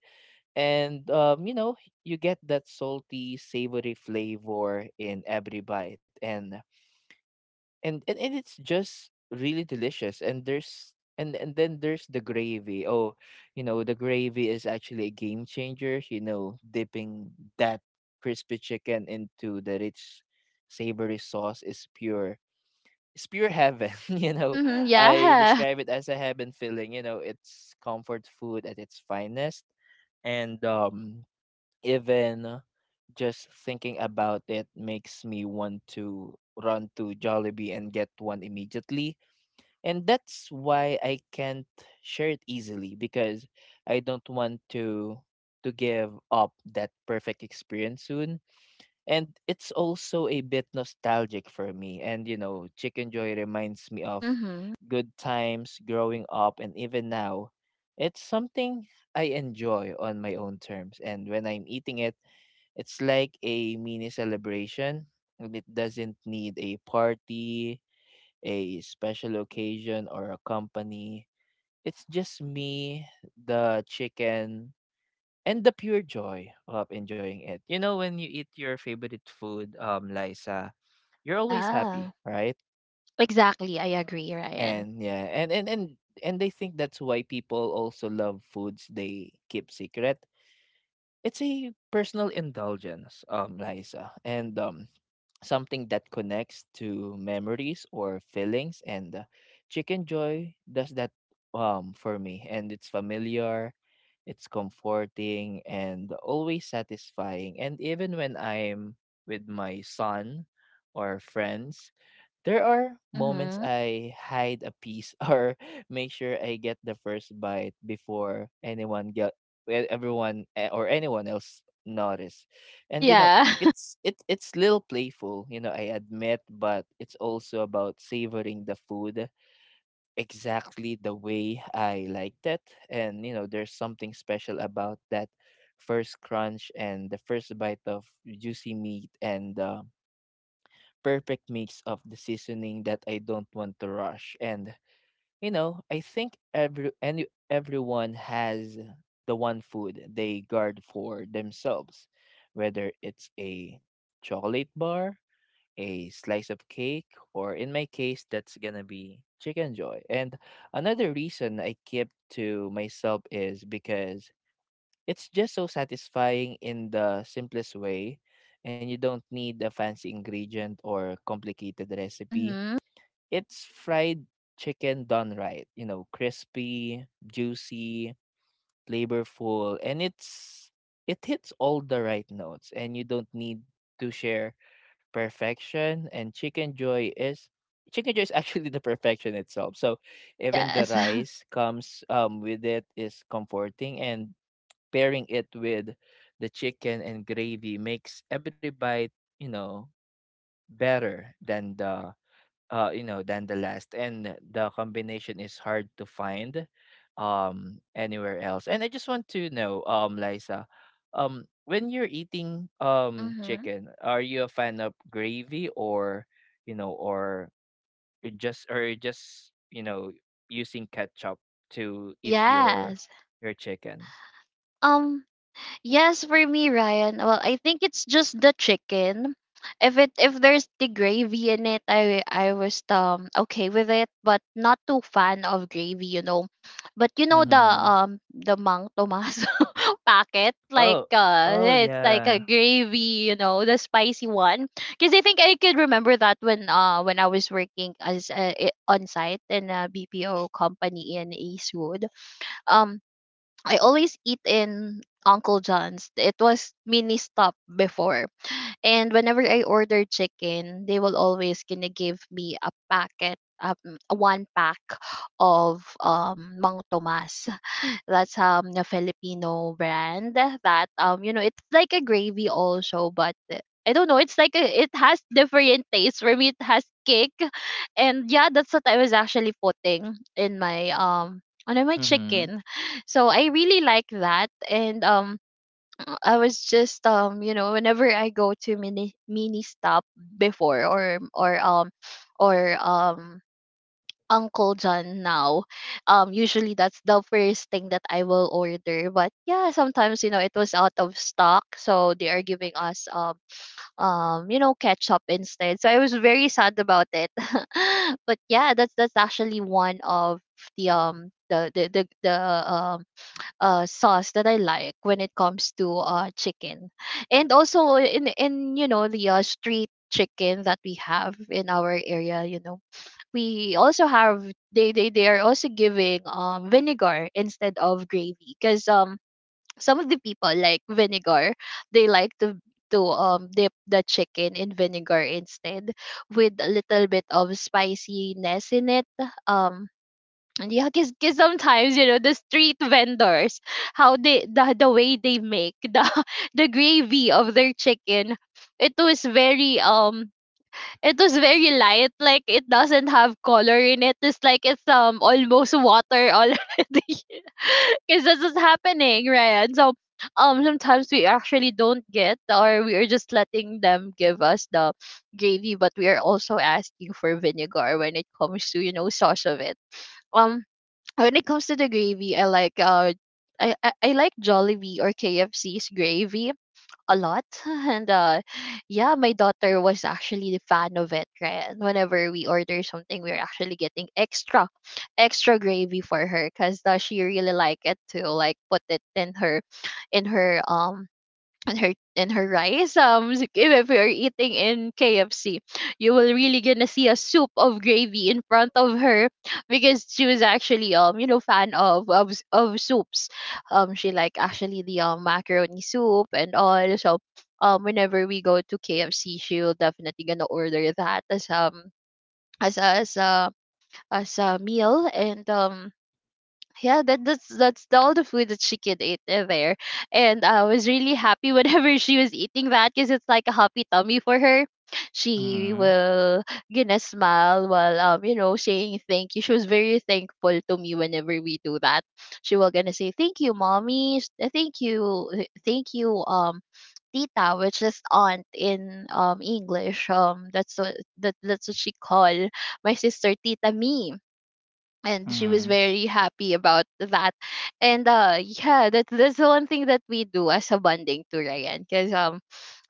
And you know, you get that salty savory flavor in every bite. And it's just really delicious. And there's and then there's the gravy. Oh, you know, the gravy is actually a game changer. You know, dipping that crispy chicken into the rich savory sauce is pure heaven. You know,
Mhm,
I
yeah.
describe it as a heaven feeling. You know, it's comfort food at its finest. And even just thinking about it makes me want to run to Jollibee and get one immediately. And that's why I can't share it easily because I don't want to give up that perfect experience soon. And it's also a bit nostalgic for me. And you know, Chicken Joy reminds me of
Mhm.
good times growing up and even now. It's something I enjoy on my own terms. And when I'm eating it, it's like a mini celebration, and it doesn't need a party, a special occasion, or a company. It's just me, the chicken, and the pure joy of enjoying it. You know, when you eat your favorite food, Liza, you're always
Yeah.
happy, right?
Exactly, I agree, Ryan.
And yeah, and they think that's why people also love foods they keep secret. It's a personal indulgence, Liza, and something that connects to memories or feelings. And chicken joy does that for me, and it's familiar, it's comforting, and always satisfying. And even when I'm with my son or friends, there are moments
Mhm.
I hide a piece or make sure I get the first bite before anyone get e- everyone eh, or anyone else notice. And you know,
Yeah.
it's little playful, you know, I admit, but it's also about savoring the food exactly the way I liked it. And you know, there's something special about that first crunch and the first bite of juicy meat, and perfect mix of the seasoning that I don't want to rush. And you know, I think everyone has the one food they guard for themselves, whether it's a chocolate bar, a slice of cake, or in my case, that's gonna be chicken joy. And another reason I keep to myself is because it's just so satisfying in the simplest way, and you don't need a fancy ingredient or complicated recipe.
Mhm.
It's fried chicken done right, you know, crispy, juicy, flavorful, and it hits all the right notes. And you don't need to share perfection, and chicken joy is actually the perfection itself. So even the
Yes.
rice comes with it is comforting and pairing it with the chicken and gravy makes every bite, you know, better than the than the last. And the combination is hard to find anywhere else. And I just want to know, Liza, when you're eating
Mhm.
chicken, are you a fan of gravy or you know, or you just, you know, using ketchup to eat your
Yes.
your chicken?
Um, yes, for me, Ryan. Well, I think it's just the chicken. If there's the gravy in it, I was okay with it, but not too fan of gravy, you know. But you know the Mang Tomas packet, like
Oh, oh
it's like a
yeah.
gravy, you know, the spicy one. Because I think I could remember that when I was working as on site in a BPO company in Eastwood. Um, I always eat in Uncle John's. It was mini stop before. And whenever I order chicken, they will always gonna give me a packet, a one pack of Mang Tomas, that's a Filipino brand that you know it's like a gravy also. But I don't know. It's like a, it has different taste for me. It has cake, and yeah, that's what I was actually putting in my on my
Mhm,
chicken. So I really like that, and I was just you know whenever I go to mini stop before or or um Uncle John now. Usually that's the first thing that I will order. But yeah, sometimes you know it was out of stock, so they are giving us you know ketchup instead. So I was very sad about it. But yeah, that's actually one of the the um sauce that I like when it comes to chicken, and also in you know the street chicken that we have in our area. You know we also have they are also giving vinegar instead of gravy because some of the people like vinegar, they like to dip the chicken in vinegar instead with a little bit of spiciness in it. Um and yeah because sometimes you know the street vendors, how they the way they make the the gravy of their chicken, it was very um, it was very light, like it doesn't have color in it. It's like it's almost water already. Because this is happening, Ryan. So sometimes we actually don't get, or we are just letting them give us the gravy, but we are also asking for vinegar when it comes to, you know, sauce of it. Um when it comes to the gravy, I like I like Jollibee or KFC's gravy a lot and yeah my daughter was actually a fan of it right, and whenever we order something we're actually getting extra gravy for her because she really like it to like put it in her and her rice. If you're eating in KFC, you will really gonna see a soup of gravy in front of her because she was actually you know fan of of soups. She like actually the macaroni soup and all. So whenever we go to KFC, she will definitely gonna order that as as a, as a as a meal. And yeah that's the, all the food that she could eat there. And I was really happy whenever she was eating that because it's like a happy tummy for her. She
mhm,
will gonna smile while you know saying thank you, she was very thankful to me whenever we do that. She will gonna say thank you mommy thank you tita, which is aunt in english, that's what that's what she call my sister, tita me. And she was
mhm,
very happy about that. And yeah that's the one thing that we do as a bonding to ryan, because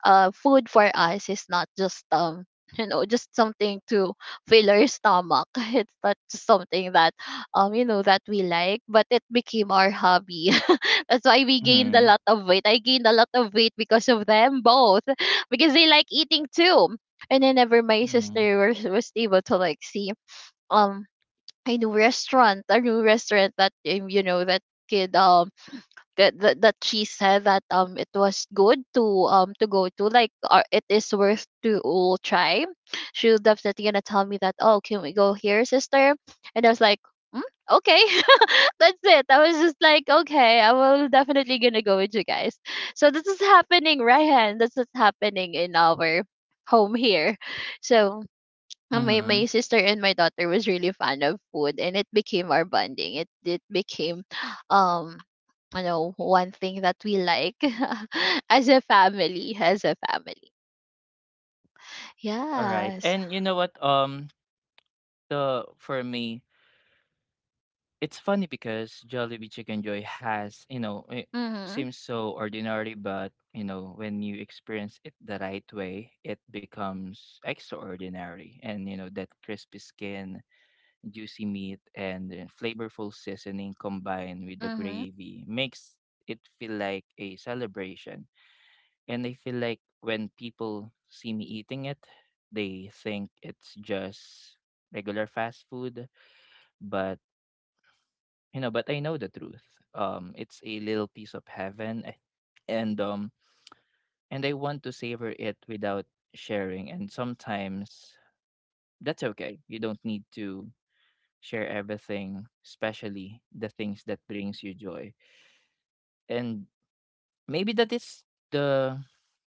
food for us is not just you know just something to fill our stomach. It's not just something that you know that we like, but it became our hobby. That's why we gained a
mhm,
lot of weight, I gained a lot of weight because of them both. Because they like eating too. And then ever my
mhm,
sister was able to like see um a new restaurant, that you know that kid that she said that it was good to go to, like it is worth to try. She was definitely gonna tell me that, oh can we go here sister, and I was like, "Mm, okay," that's it. I was just like, okay, I will definitely gonna go with you guys. So this is happening, Ryan. This is happening in our home here. So
mhm.
my sister and my daughter was really fond of food, and it became our bonding, it became um you know one thing that we like as a family,
Alright,
yes.
and you know what? The For me, it's funny because Jollibee Chicken Joy has, you know, it
Mhm.
seems so ordinary, but you know, when you experience it the right way, it becomes extraordinary. And you know, that crispy skin, juicy meat, and flavorful seasoning combined with the
Mhm.
gravy makes it feel like a celebration. And I feel like when people see me eating it, they think it's just regular fast food. But you know, but I know the truth. It's a little piece of heaven, and um, and I want to savor it without sharing. And sometimes that's okay. You don't need to share everything, especially the things that brings you joy. And maybe that is the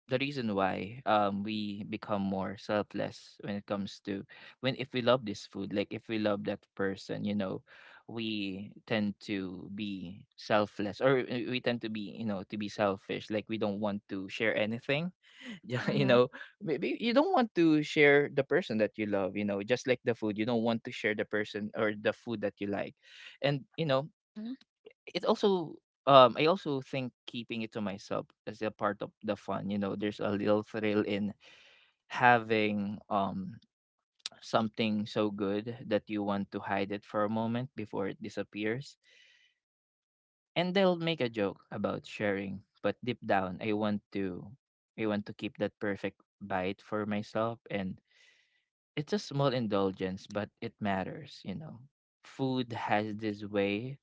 the reason why we become more selfless when it comes to when if we love this food, like if we love that person, you know, we tend to be selfless or we tend to be, you know, to be selfish. Like we don't want to share anything. Yeah, you
Mhm.
know, maybe you don't want to share the person that you love, you know, just like the food. You don't want to share the person or the food that you like. And you know,
Mhm.
it also I also think keeping it to myself is a part of the fun. You know, there's a little thrill in having something so good that you want to hide it for a moment before it disappears. And they'll make a joke about sharing, but deep down I want to keep that perfect bite for myself, and it's a small indulgence but it matters, you know. Food has this way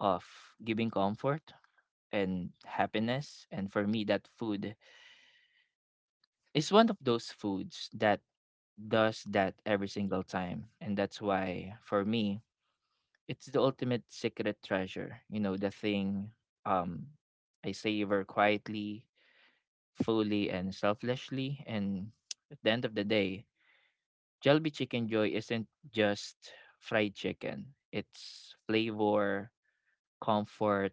of giving comfort and happiness. And for me, that food is one of those foods that does that every single time. And that's why, for me, it's the ultimate secret treasure. You know, the thing, um, I savor quietly, fully, and selflessly. And at the end of the day, Jollibee Chicken Joy isn't just fried chicken. It's flavor, comfort,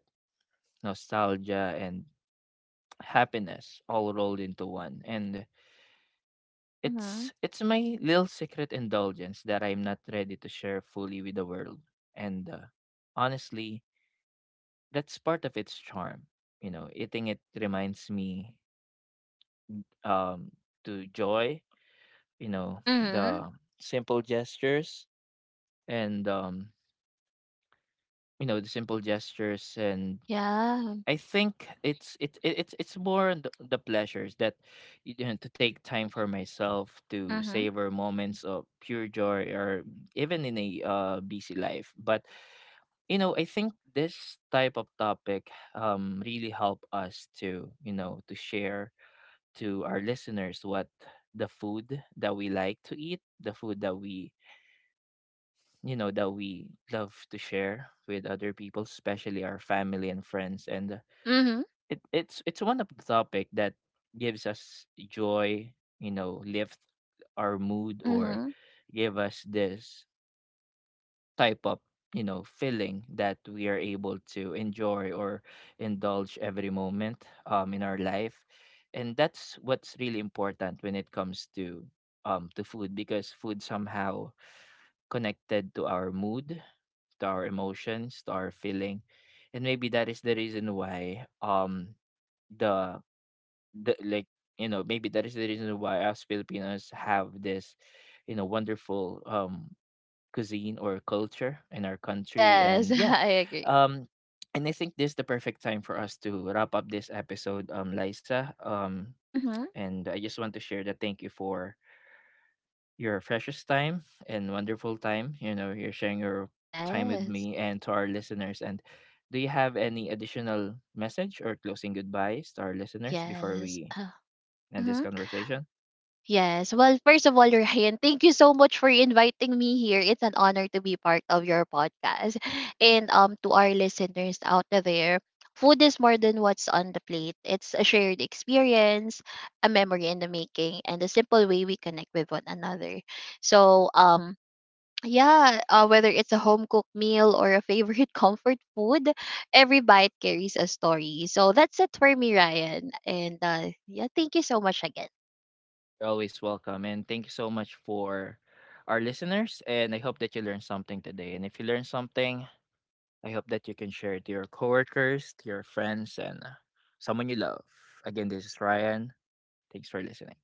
nostalgia, and happiness all rolled into one. And It's
Mhm.
it's my little secret indulgence that I'm not ready to share fully with the world. And honestly, that's part of its charm. You know, eating it reminds me um to joy, you know,
Mhm.
the simple gestures and you know, the simple gestures and
Yeah.
I think it's it, it it's more the pleasures that, you know, to take time for myself to
Mhm.
savor moments of pure joy or even in a busy life. But you know, I think this type of topic really help us to you know to share to our listeners what the food that we like to eat, the food that we you know that we love to share with other people, especially our family and friends. And
Mhm.
it's one of the topic that gives us joy, you know, lift our mood or
Mhm.
give us this type of, you know, feeling that we are able to enjoy or indulge every moment in our life. And that's what's really important when it comes to food, because food somehow connected to our mood, to our emotions, to our feeling. And maybe that is the reason why the the like you know maybe that is the reason why us Filipinos have this, you know, wonderful cuisine or culture in our country.
Yes.
And yeah,
I agree.
um and I think this is the perfect time for us to wrap up this episode, Liza,
Mhm.
and I just want to share that thank you for your precious time and wonderful time, you know, you're sharing your time with
Yes.
me and to our listeners. And do you have any additional message or closing goodbyes to our listeners before
yes
we
uh,
and this
mhm.
conversation.
Yes. Well, first of all, Ryan, thank you so much for inviting me here. It's an honor to be part of your podcast. And to our listeners out there, food is more than what's on the plate. It's a shared experience, a memory in the making, and a simple way we connect with one another. So, yeah, whether it's a home cooked meal or a favorite comfort food, every bite carries a story. So that's it for me, Ryan. And yeah, thank you so much again.
You're always welcome. And thank you so much for our listeners. And I hope that you learned something today. And if you learned something, I hope that you can share it to your coworkers, to your friends, and someone you love. Again, this is Ryan. Thanks for listening.